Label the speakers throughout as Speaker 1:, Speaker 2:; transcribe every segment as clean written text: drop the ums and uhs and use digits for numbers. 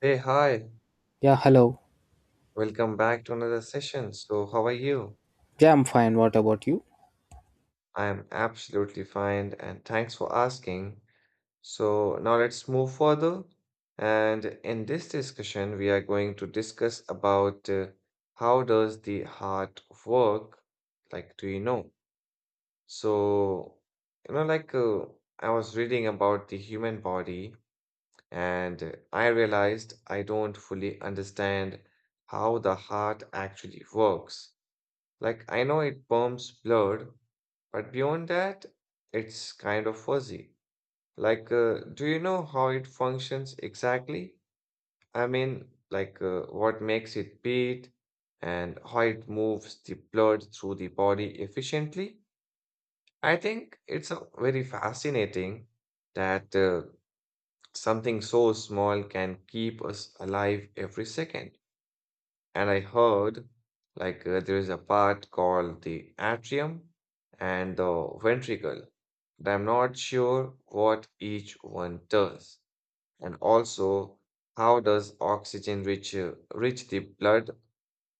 Speaker 1: Hey, hi.
Speaker 2: Yeah, hello.
Speaker 1: Welcome back to another session. So, how are you?
Speaker 2: Yeah, I'm fine. What about you?
Speaker 1: I am absolutely fine and thanks for asking. So, now let's move further. And in this discussion, we are going to discuss about how does the heart work? Like, do you know? So, you know, like uh, I was reading about the human body and I realized I don't fully understand how the heart actually works. Like, I know it pumps blood, but beyond that, it's kind of fuzzy. Like, do you know how it functions exactly? I mean, what makes it beat and how it moves the blood through the body efficiently? I think it's a very fascinating that something so small can keep us alive every second. And I heard there is a part called the atrium and the ventricle, but I'm not sure what each one does. And also, how does oxygen rich rich the blood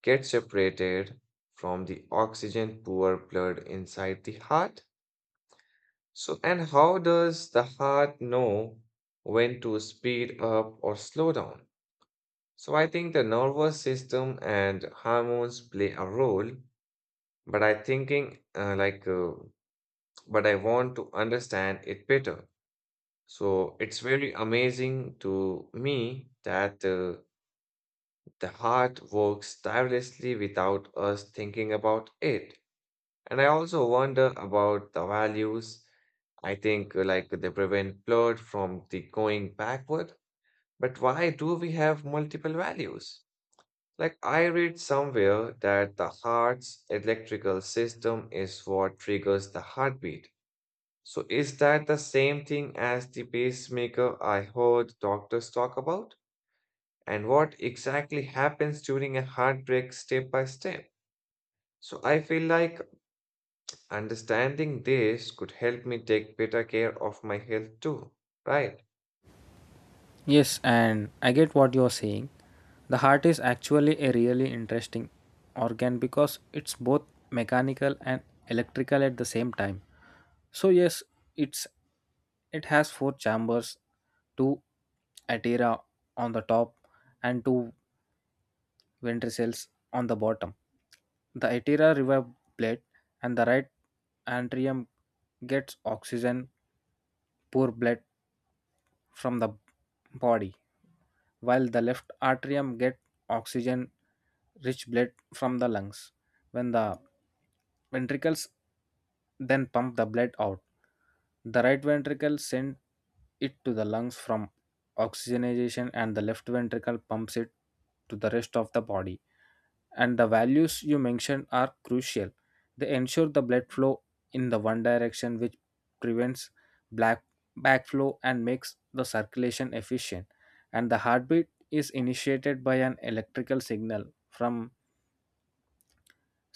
Speaker 1: get separated from the oxygen poor blood inside the heart? So, and how does the heart know when to speed up or slow down? So I think the nervous system and hormones play a role, but I thinking but I want to understand it better. So it's very amazing to me that the heart works tirelessly without us thinking about it. And I also wonder about the values. I think they prevent blood from the going backward. But why do we have multiple values? Like, I read somewhere that the heart's electrical system is what triggers the heartbeat. So, is that the same thing as the pacemaker I heard doctors talk about? And what exactly happens during a heartbreak step by step? So, I feel like understanding this could help me take better care of my health too, right?
Speaker 2: Yes, and I get what you're saying. The heart is actually a really interesting organ because it's both mechanical and electrical at the same time. So yes, it's it has four chambers, two atria on the top and two ventricles on the bottom. The atria revive blood, and the right atrium gets oxygen, poor blood from the body, while the left atrium get oxygen rich blood from the lungs. When the ventricles then pump the blood out, the right ventricle send it to the lungs from oxygenation and the left ventricle pumps it to the rest of the body, and the values you mentioned are crucial. They ensure the blood flow in the one direction, which prevents black backflow and makes the circulation efficient. And the heartbeat is initiated by an electrical signal from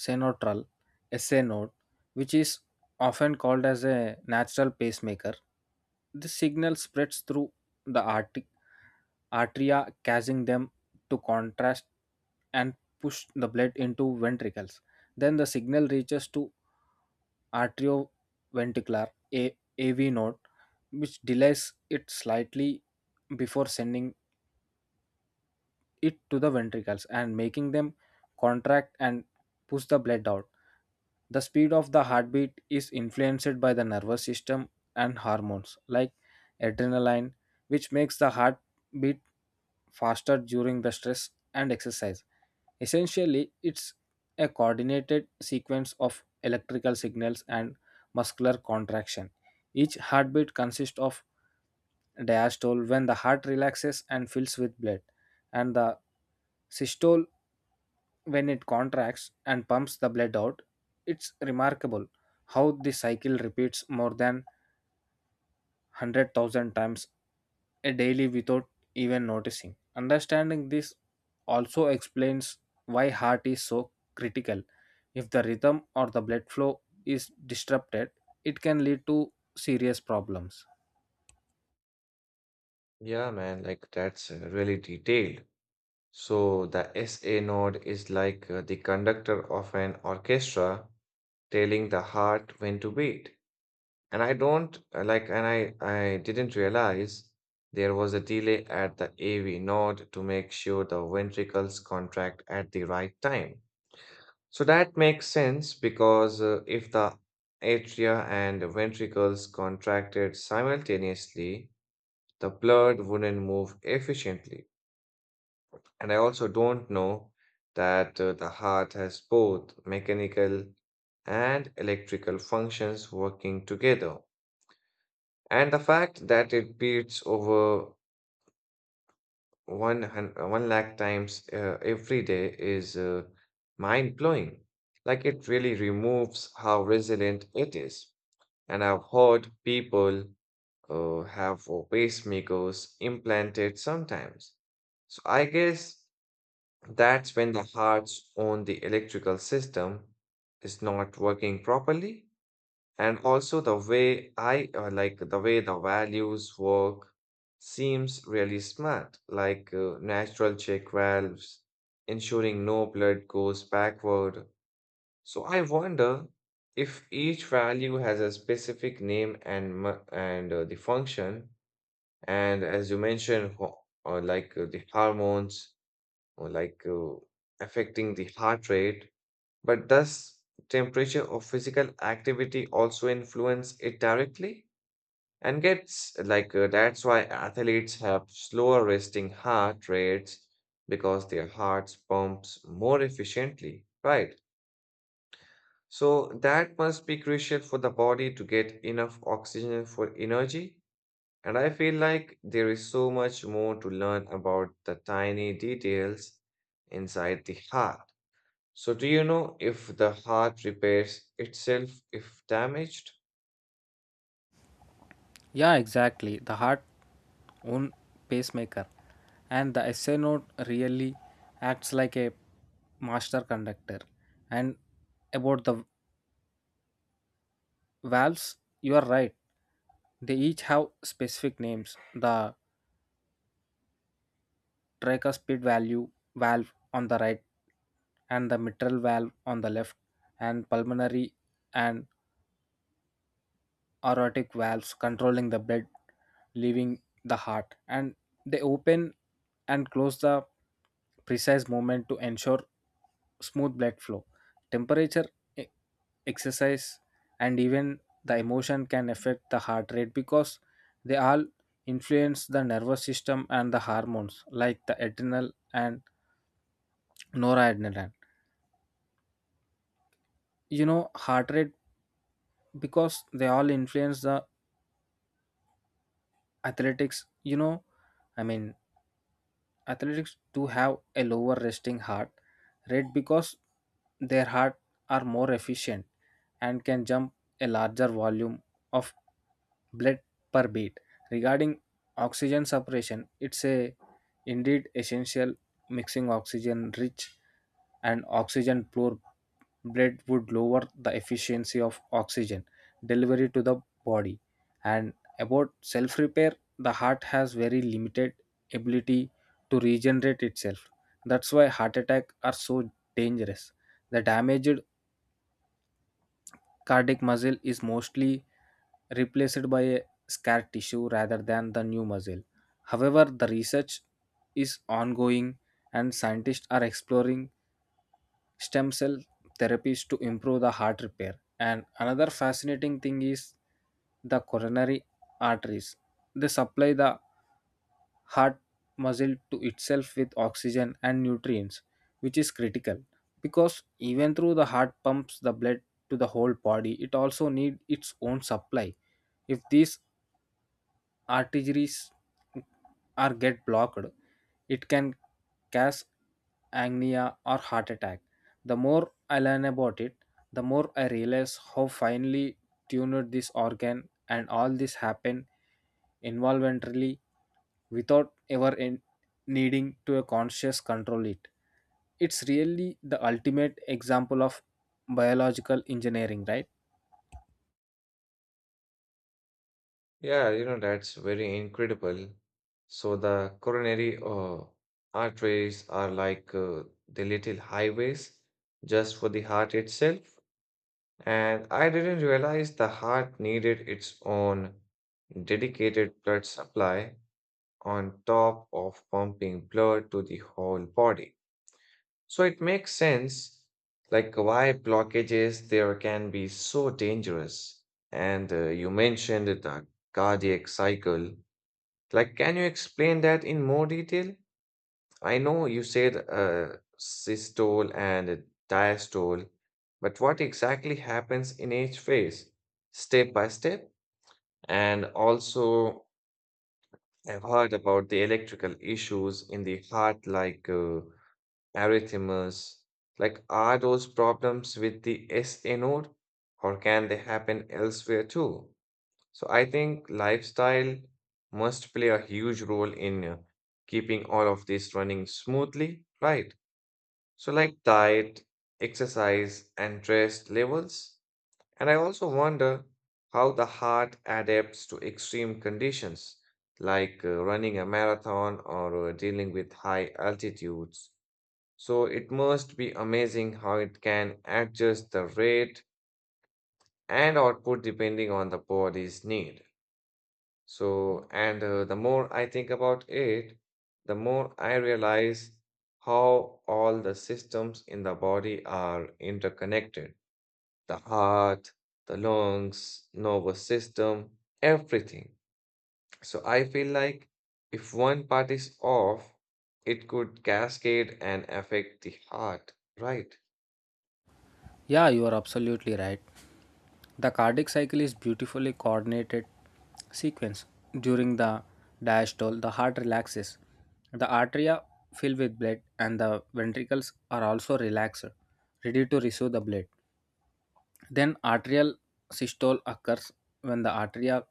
Speaker 2: senotral SA node, which is often called as a natural pacemaker. This signal spreads through the atria, causing them to contrast and push the blood into ventricles. Then the signal reaches to arterioventricular AV node, which delays it slightly before sending it to the ventricles and making them contract and push the blood out. The speed of the heartbeat is influenced by the nervous system and hormones like adrenaline, which makes the heart beat faster during the stress and exercise. Essentially, it's a coordinated sequence of electrical signals and muscular contraction. Each heartbeat consists of diastole, when the heart relaxes and fills with blood, and the systole, when it contracts and pumps the blood out. It's remarkable how this cycle repeats more than 100,000 times a daily without even noticing. Understanding this also explains why heart is so critical. If the rhythm or the blood flow is disrupted, it can lead to serious problems.
Speaker 1: Yeah, man, like that's really detailed. So the SA node is like the conductor of an orchestra telling the heart when to beat. And I don't like, and I didn't realize there was a delay at the AV node to make sure the ventricles contract at the right time. So that makes sense because if the atria and ventricles contracted simultaneously, the blood wouldn't move efficiently. And I also don't know that the heart has both mechanical and electrical functions working together. And the fact that it beats over one lakh times every day is mind blowing. Like it really removes how resilient it is. And I've heard people have pacemakers implanted sometimes. So I guess that's when the heart's own the electrical system is not working properly. And also the way the values work seems really smart, like natural check valves, ensuring no blood goes backward. So I wonder if each value has a specific name and the function. And as you mentioned, the hormones or affecting the heart rate. But does temperature or physical activity also influence it directly? And gets like that's why athletes have slower resting heart rates because their hearts pumps more efficiently, right? So that must be crucial for the body to get enough oxygen for energy. And I feel like there is so much more to learn about the tiny details inside the heart. So, do you know if the heart repairs itself if damaged?
Speaker 2: Yeah, exactly. The heart own pacemaker and the SA note really acts like a master conductor. And about the valves, you are right. They each have specific names: the tracker speed value valve on the right and the mitral valve on the left, and pulmonary and aortic valves controlling the blood leaving the heart, and they open and close the precise movement to ensure smooth blood flow. Temperature, e- exercise, and even the emotion can affect the heart rate, because they all influence the nervous system and the hormones like the adrenal and noradrenaline, you know, heart rate, because they all influence the athletics, you know, I mean, athletics do have a lower resting heart rate because their heart are more efficient and can jump a larger volume of blood per beat. Regarding oxygen separation, it's a indeed essential. Mixing oxygen rich and oxygen poor bread would lower the efficiency of oxygen delivery to the body. And about self repair, the heart has very limited ability to regenerate itself. That's why heart attacks are so dangerous. The damaged cardiac muscle is mostly replaced by a scar tissue rather than the new muscle. However, the research is ongoing, and scientists are exploring stem cell therapies to improve the heart repair. And another fascinating thing is the coronary arteries. They supply the heart muscle to itself with oxygen and nutrients, which is critical because even though the heart pumps the blood to the whole body, it also needs its own supply. If these arteries are get blocked, it can cause angina or heart attack. The more I learn about it, the more I realize how finely tuned this organ, and all this happen involuntarily without ever needing to a conscious control it. It's really the ultimate example of biological engineering, right?
Speaker 1: Yeah, you know, that's very incredible. So, the coronary arteries are like the little highways just for the heart itself. And I didn't realize the heart needed its own dedicated blood supply on top of pumping blood to the whole body. So it makes sense, like why blockages there can be so dangerous. And you mentioned the cardiac cycle. Like, can you explain that in more detail? I know you said systole and diastole, but what exactly happens in each phase, step by step? And also, I've heard about the electrical issues in the heart, like arrhythmias. Like, are those problems with the SA node or can they happen elsewhere too? So, I think lifestyle must play a huge role in keeping all of this running smoothly, right? So, like diet, exercise, and stress levels. And I also wonder how the heart adapts to extreme conditions like running a marathon or dealing with high altitudes. So it must be amazing how it can adjust the rate and output depending on the body's need. So, and the more I think about it, the more I realize how all the systems in the body are interconnected. The heart, the lungs, nervous system, everything. So I feel like if one part is off, it could cascade and affect the heart, right?
Speaker 2: Yeah, you are absolutely right. The cardiac cycle is beautifully coordinated sequence. During the diastole, the heart relaxes. The arteria fill with blood and the ventricles are also relaxed, ready to receive the blood. Then arterial systole occurs when the arteria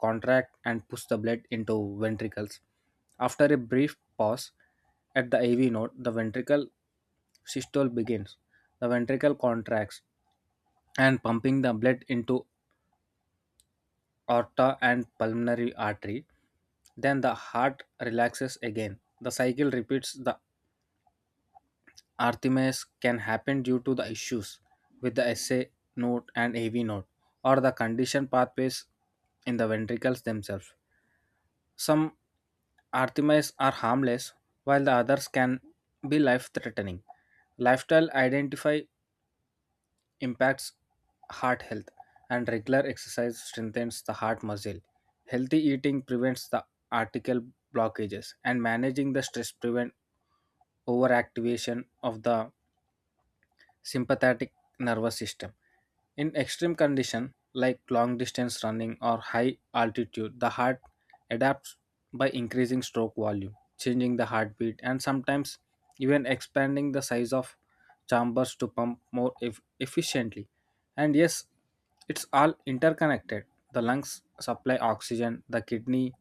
Speaker 2: contract and push the blood into ventricles. After a brief pause at the AV node, the ventricle systole begins. The ventricle contracts and pumping the blood into aorta and pulmonary artery. Then the heart relaxes again. The cycle repeats. The Artemis can happen due to the issues with the SA node and AV node or the conditioned pathways in the ventricles themselves. Some Artemis are harmless, while the others can be life threatening. Lifestyle identify impacts heart health, and regular exercise strengthens the heart muscle. Healthy eating prevents the arterial blockages, and managing the stress prevent overactivation of the sympathetic nervous system. In extreme condition like long distance running or high altitude, the heart adapts by increasing stroke volume, changing the heartbeat, and sometimes even expanding the size of chambers to pump more efficiently. And yes, it's all interconnected. The lungs supply oxygen, the kidney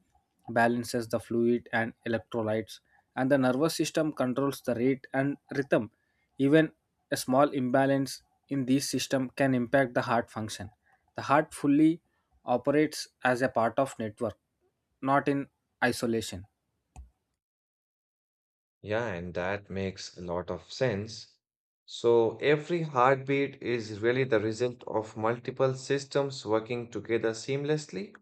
Speaker 2: balances the fluid and electrolytes, and the nervous system controls the rate and rhythm. Even a small imbalance in this system can impact the heart function. The heart fully operates as a part of network, not in isolation.
Speaker 1: Yeah, and that makes a lot of sense. So every heartbeat is really the result of multiple systems working together seamlessly.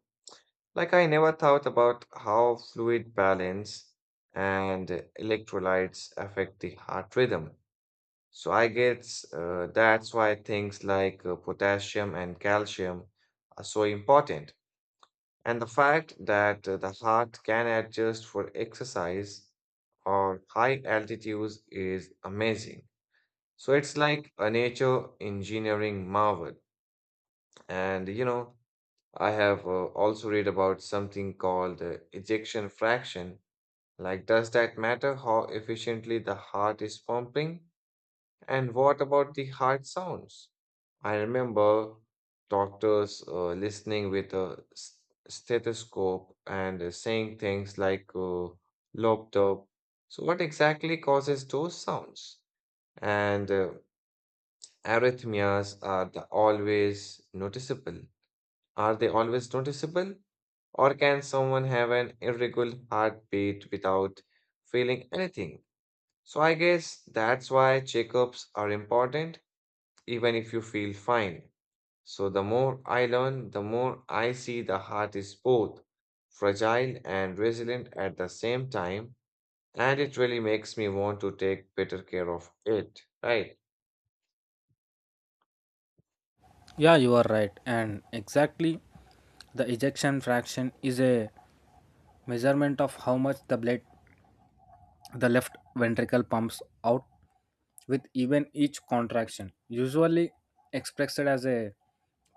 Speaker 1: Like I never thought about how fluid balance and electrolytes affect the heart rhythm. So I guess that's why things like potassium and calcium are so important. And the fact that the heart can adjust for exercise or high altitudes is amazing. So it's like a nature engineering marvel. And you know, I have also read about something called ejection fraction. Like, does that matter how efficiently the heart is pumping? And what about the heart sounds? I remember doctors listening with a stethoscope and saying things like loped up. So, what exactly causes those sounds? And arrhythmias are the always noticeable. Are they always noticeable? Or can someone have an irregular heartbeat without feeling anything? So, I guess that's why checkups are important even if you feel fine. So, the more I learn, the more I see the heart is both fragile and resilient at the same time, and it really makes me want to take better care of it, right?
Speaker 2: Yeah, you are right. And exactly, the ejection fraction is a measurement of how much the blood the left ventricle pumps out with even each contraction, usually expressed as a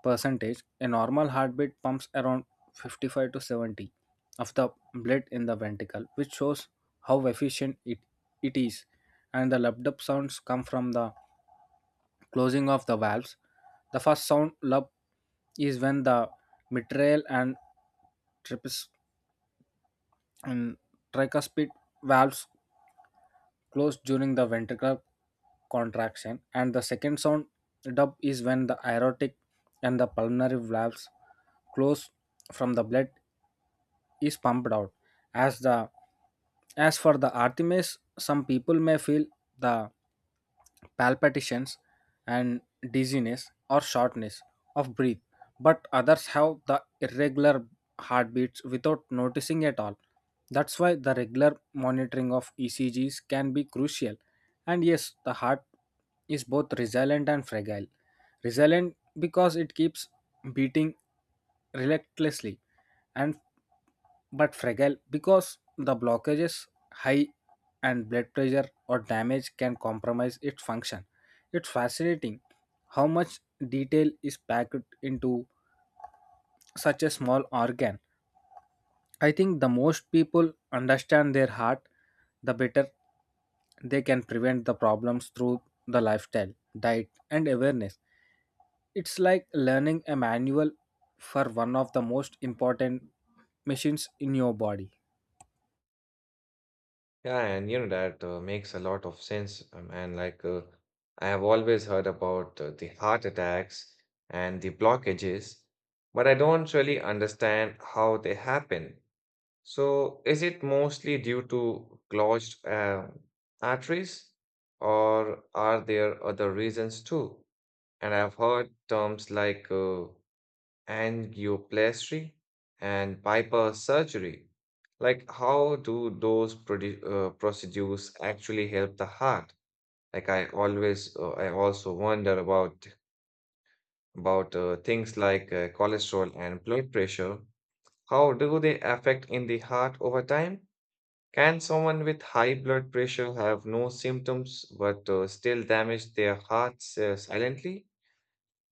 Speaker 2: percentage. A normal heartbeat pumps around 55 to 70 of the blood in the ventricle, which shows how efficient it is. And the lubed up sounds come from the closing of the valves. The first sound, lub, is when the mitral and tripes and tricuspid valves closed during the ventricular contraction, and the second sound, dub, is when the aortic and the pulmonary valves close from the blood is pumped out. As the as for the artemis, some people may feel the palpitations and dizziness or shortness of breath, but others have the irregular heartbeats without noticing at all. That's why the regular monitoring of ECGs can be crucial. And yes, the heart is both resilient and fragile: resilient because it keeps beating relentlessly, and but fragile because the blockage is high and blood pressure or damage can compromise its function. It's fascinating how much detail is packed into such a small organ. I think the most people understand their heart, the better they can prevent the problems through the lifestyle, diet, and awareness. It's like learning a manual for one of the most important machines in your body.
Speaker 1: Yeah, and you know that makes a lot of sense. And I have always heard about the heart attacks and the blockages, but I don't really understand how they happen. So, is it mostly due to clogged arteries, or are there other reasons too? And I've heard terms like angioplasty and bypass surgery. Like, how do those procedures actually help the heart? Like, I also wonder about things like cholesterol and blood pressure. How do they affect in the heart over time? Can someone with high blood pressure have no symptoms but still damage their hearts silently?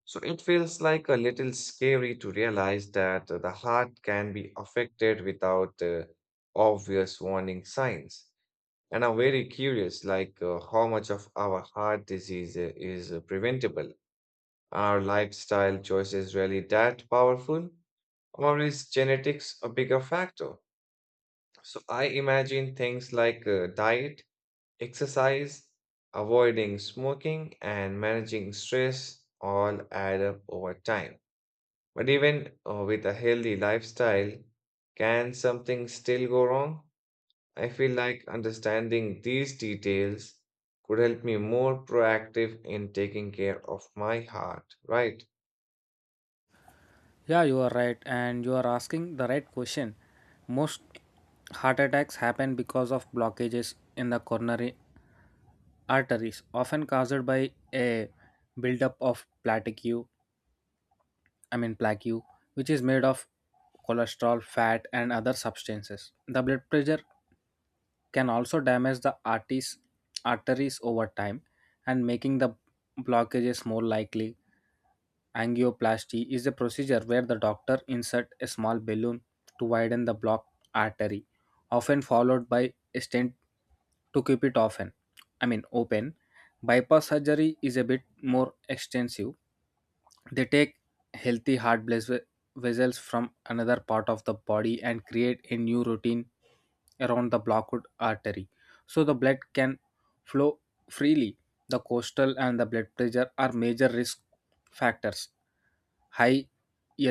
Speaker 1: So it feels like a little scary to realize that the heart can be affected without obvious warning signs. And I'm very curious, like how much of our heart disease is preventable? Are lifestyle choices really that powerful? Or is genetics a bigger factor? So I imagine things like diet, exercise, avoiding smoking, and managing stress all add up over time. But even with a healthy lifestyle, can something still go wrong? I feel like understanding these details could help me more proactive in taking care of my heart, right?
Speaker 2: Yeah, you are right, and you are asking the right question. Most heart attacks happen because of blockages in the coronary arteries, often caused by a buildup of plaque, I mean plaque, which is made of cholesterol, fat, and other substances. The blood pressure can also damage the arteries over time, and making the blockages more likely. Angioplasty is a procedure where the doctor inserts a small balloon to widen the blocked artery, often followed by a stent to keep it often. I mean open. Bypass surgery is a bit more extensive. They take healthy heart vessels from another part of the body and create a new routine around the blocked artery so the blood can flow freely. The coastal and the blood pressure are major risk factors. High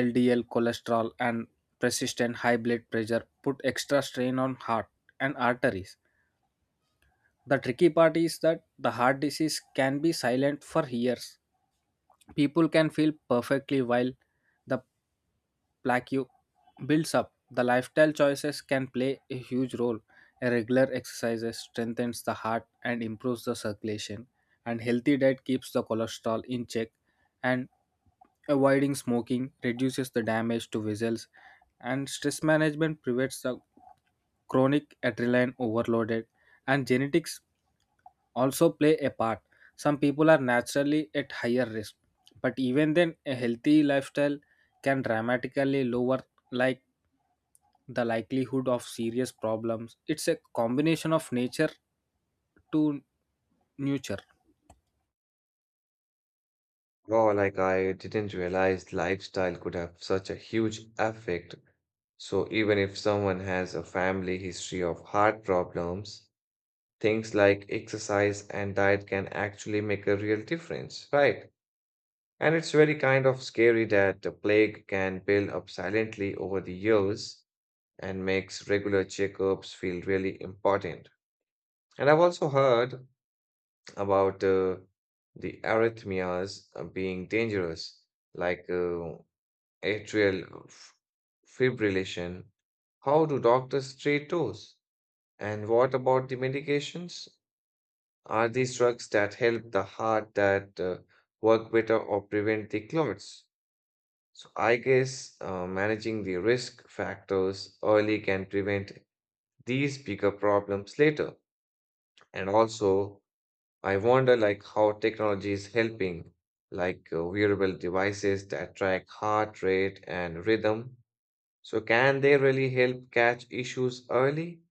Speaker 2: LDL cholesterol and persistent high blood pressure put extra strain on heart and arteries. The tricky part is that the heart disease can be silent for years. People can feel perfectly while the plaque builds up. The lifestyle choices can play a huge role. A regular exercise strengthens the heart and improves the circulation, and healthy diet keeps the cholesterol in check, and avoiding smoking reduces the damage to vessels, and stress management prevents the chronic adrenaline overloaded, and genetics also play a part. Some people are naturally at higher risk, but even then, a healthy lifestyle can dramatically lower, like, the likelihood of serious problems. It's a combination of nature to nurture.
Speaker 1: Wow, like I didn't realize lifestyle could have such a huge effect. So even if someone has a family history of heart problems, things like exercise and diet can actually make a real difference, right? And it's very kind of scary that the plague can build up silently over the years and makes regular checkups feel really important. And I've also heard about the arrhythmias being dangerous, like atrial f- fibrillation. How do doctors treat those? And what about the medications? Are these drugs that help the heart that work better or prevent the clots? So I guess managing the risk factors early can prevent these bigger problems later. And also, I wonder like how technology is helping, like wearable devices that track heart rate and rhythm. So can they really help catch issues early,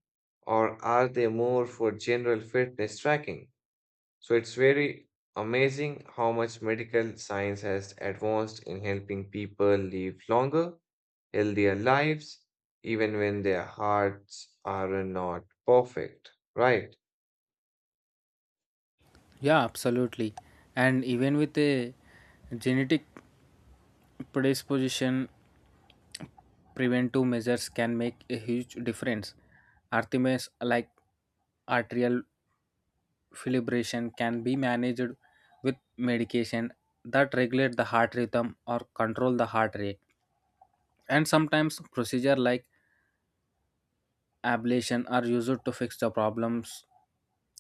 Speaker 1: or are they more for general fitness tracking? So it's very amazing how much medical science has advanced in helping people live longer, healthier lives, even when their hearts are not perfect. Right.
Speaker 2: Yeah, absolutely. And even with a genetic predisposition, preventive measures can make a huge difference. Artemis, like arterial fibrillation, can be managed with medication that regulate the heart rhythm or control the heart rate. And sometimes procedure like ablation are used to fix the problems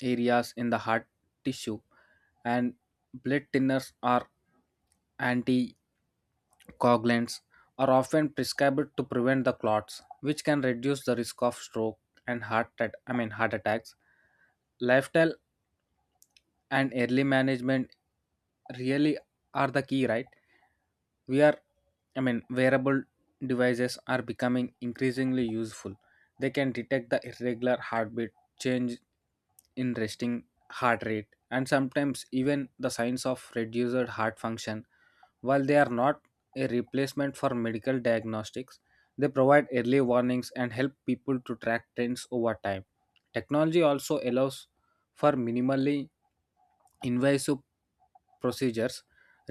Speaker 2: areas in the heart tissue, and blood thinners are anticoagulants are often prescribed to prevent the clots, which can reduce the risk of stroke and heart at- I mean heart attacks. Lifestyle and early management really are the key, right? we are I mean Wearable devices are becoming increasingly useful. They can detect the irregular heartbeat change in resting heart rate and sometimes even the signs of reduced heart function. While they are not a replacement for medical diagnostics, they provide early warnings and help people to track trends over time. Technology also allows for minimally invasive procedures,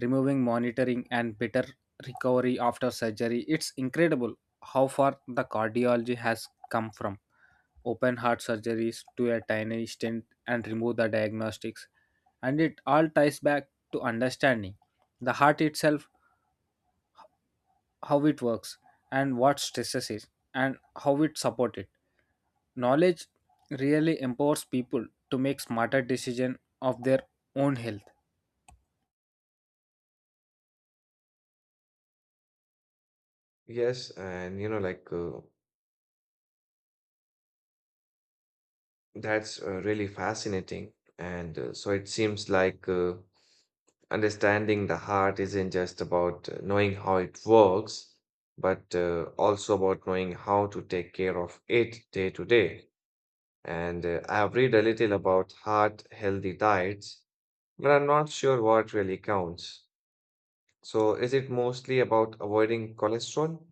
Speaker 2: removing monitoring, and better recovery after surgery. It's incredible how far the cardiology has come, from open heart surgeries to a tiny stent and remove the diagnostics. And it all ties back to understanding the heart itself, how it works and what stresses it and how it support it. Knowledge really empowers people to make smarter decision of their own health.
Speaker 1: Yes. And, you know, like that's really fascinating. And so it seems like understanding the heart isn't just about knowing how it works, but also about knowing how to take care of it day to day. And I have read a little about heart healthy diets, but I'm not sure what really counts. So, is it mostly about avoiding cholesterol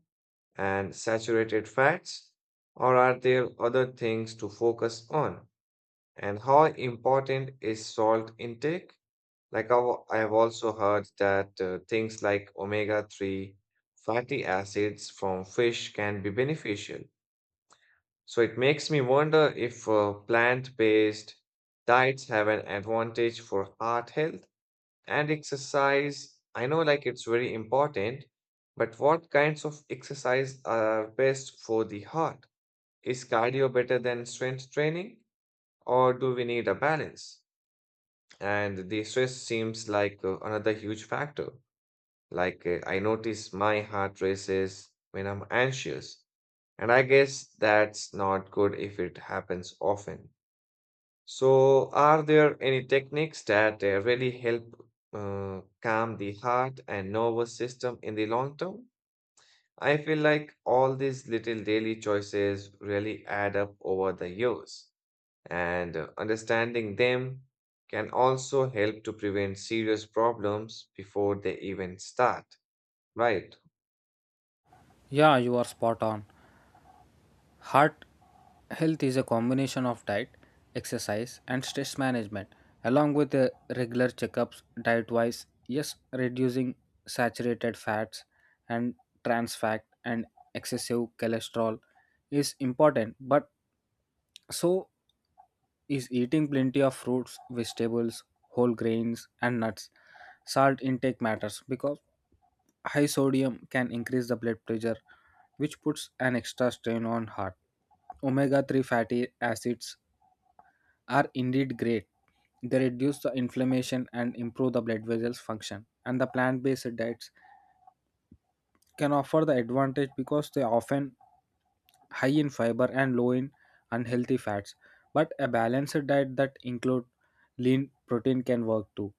Speaker 1: and saturated fats, or are there other things to focus on? And how important is salt intake? Like, I have also heard that things like omega 3 fatty acids from fish can be beneficial. So it makes me wonder if plant-based diets have an advantage for heart health and exercise. I know like it's very important, but what kinds of exercise are best for the heart? Is cardio better than strength training, or do we need a balance? And the stress seems like another huge factor. Like I notice my heart races when I'm anxious, and I guess that's not good if it happens often. So, are there any techniques that really help calm the heart and nervous system in the long term? I feel like all these little daily choices really add up over the years, and understanding them can also help to prevent serious problems before they even start, right?
Speaker 2: Yeah, you are spot on. Heart health is a combination of diet, exercise, and stress management along with the regular checkups. Diet wise, yes, reducing saturated fats and trans fat and excessive cholesterol is important, but so is eating plenty of fruits, vegetables, whole grains, and nuts. Salt intake matters because high sodium can increase the blood pressure, which puts an extra strain on heart. Omega 3 fatty acids are indeed great. They reduce the inflammation and improve the blood vessels function. And the plant based diet can offer the advantage because they often high in fiber and low in unhealthy fats, but a balanced diet that include lean protein can work too.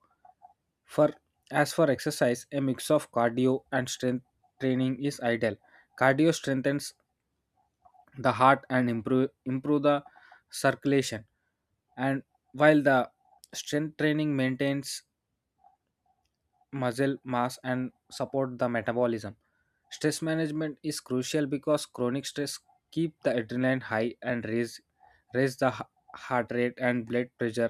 Speaker 2: For as for exercise, a mix of cardio and strength training is ideal. Cardio strengthens the heart and improve the circulation, and while the strength training maintains muscle mass and support the metabolism. Stress management is crucial because chronic stress keep the adrenaline high and raise the heart rate and blood pressure,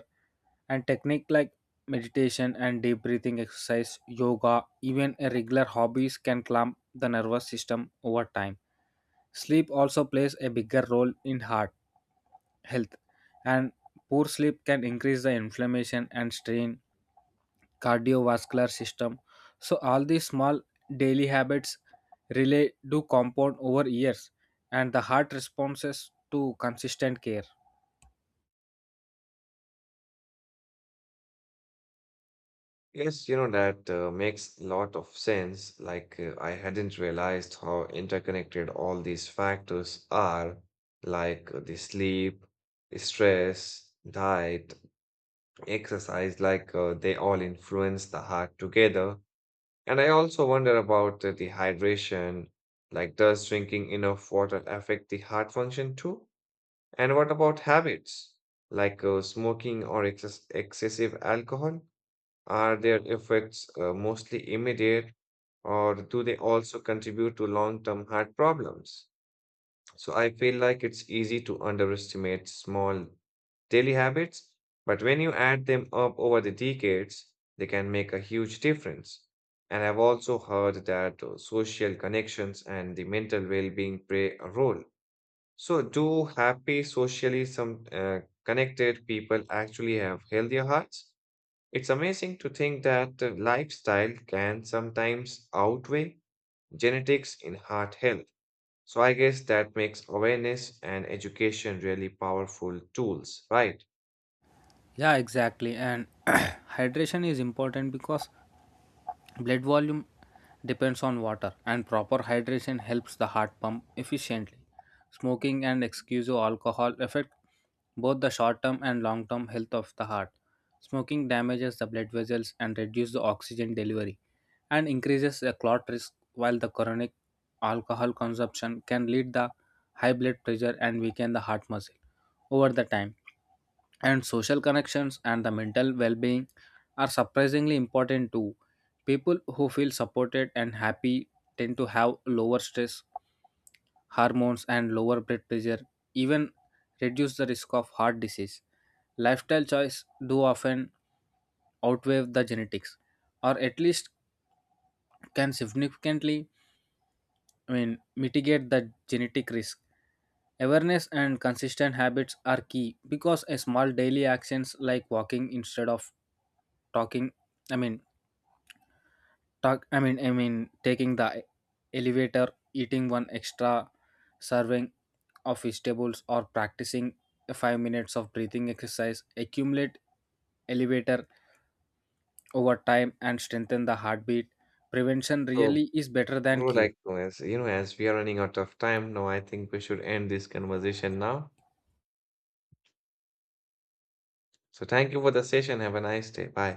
Speaker 2: and technique like meditation and deep breathing exercise, yoga, even a regular hobbies can calm the nervous system over time. Sleep also plays a bigger role in heart health, and poor sleep can increase the inflammation and strain cardiovascular system. So, all these small daily habits relay do compound over years, and the heart responses to consistent care.
Speaker 1: Yes, you know, that makes a lot of sense. Like, I hadn't realized how interconnected all these factors are, like the sleep, the stress, diet, exercise, like they all influence the heart together. And I also wonder about the hydration. Like, does drinking enough water affect the heart function too? And what about habits, like smoking or excessive alcohol? Are their effects mostly immediate, or do they also contribute to long-term heart problems? So I feel like it's easy to underestimate small daily habits, but when you add them up over the decades, they can make a huge difference. And I've also heard that social connections and the mental well-being play a role. So, do happy, socially some connected people actually have healthier hearts? It's amazing to think that the lifestyle can sometimes outweigh genetics in heart health. So I guess that makes awareness and education really powerful tools, right?
Speaker 2: Yeah, exactly. And hydration is important because blood volume depends on water, and proper hydration helps the heart pump efficiently. Smoking and excessive alcohol affect both the short-term and long-term health of the heart. Smoking damages the blood vessels and reduces the oxygen delivery and increases the clot risk, while the chronic alcohol consumption can lead the high blood pressure and weaken the heart muscle over the time. And social connections and the mental well-being are surprisingly important too. People who feel supported and happy tend to have lower stress hormones and lower blood pressure, even reduce the risk of heart disease. Lifestyle choice do often outweigh the genetics, or at least can significantly, I mean, mitigate the genetic risk. Awareness and consistent habits are key because a small daily actions like walking instead of talking I mean talk I mean taking the elevator, eating one extra serving of vegetables, or practicing 5 minutes of breathing exercise accumulate elevator over time and strengthen the heartbeat. Prevention
Speaker 1: So,
Speaker 2: really is better than
Speaker 1: bro,
Speaker 2: cure.
Speaker 1: like, as you know, as we are running out of time now, I think we should end this conversation now. So thank you for the session. Have a nice day. Bye.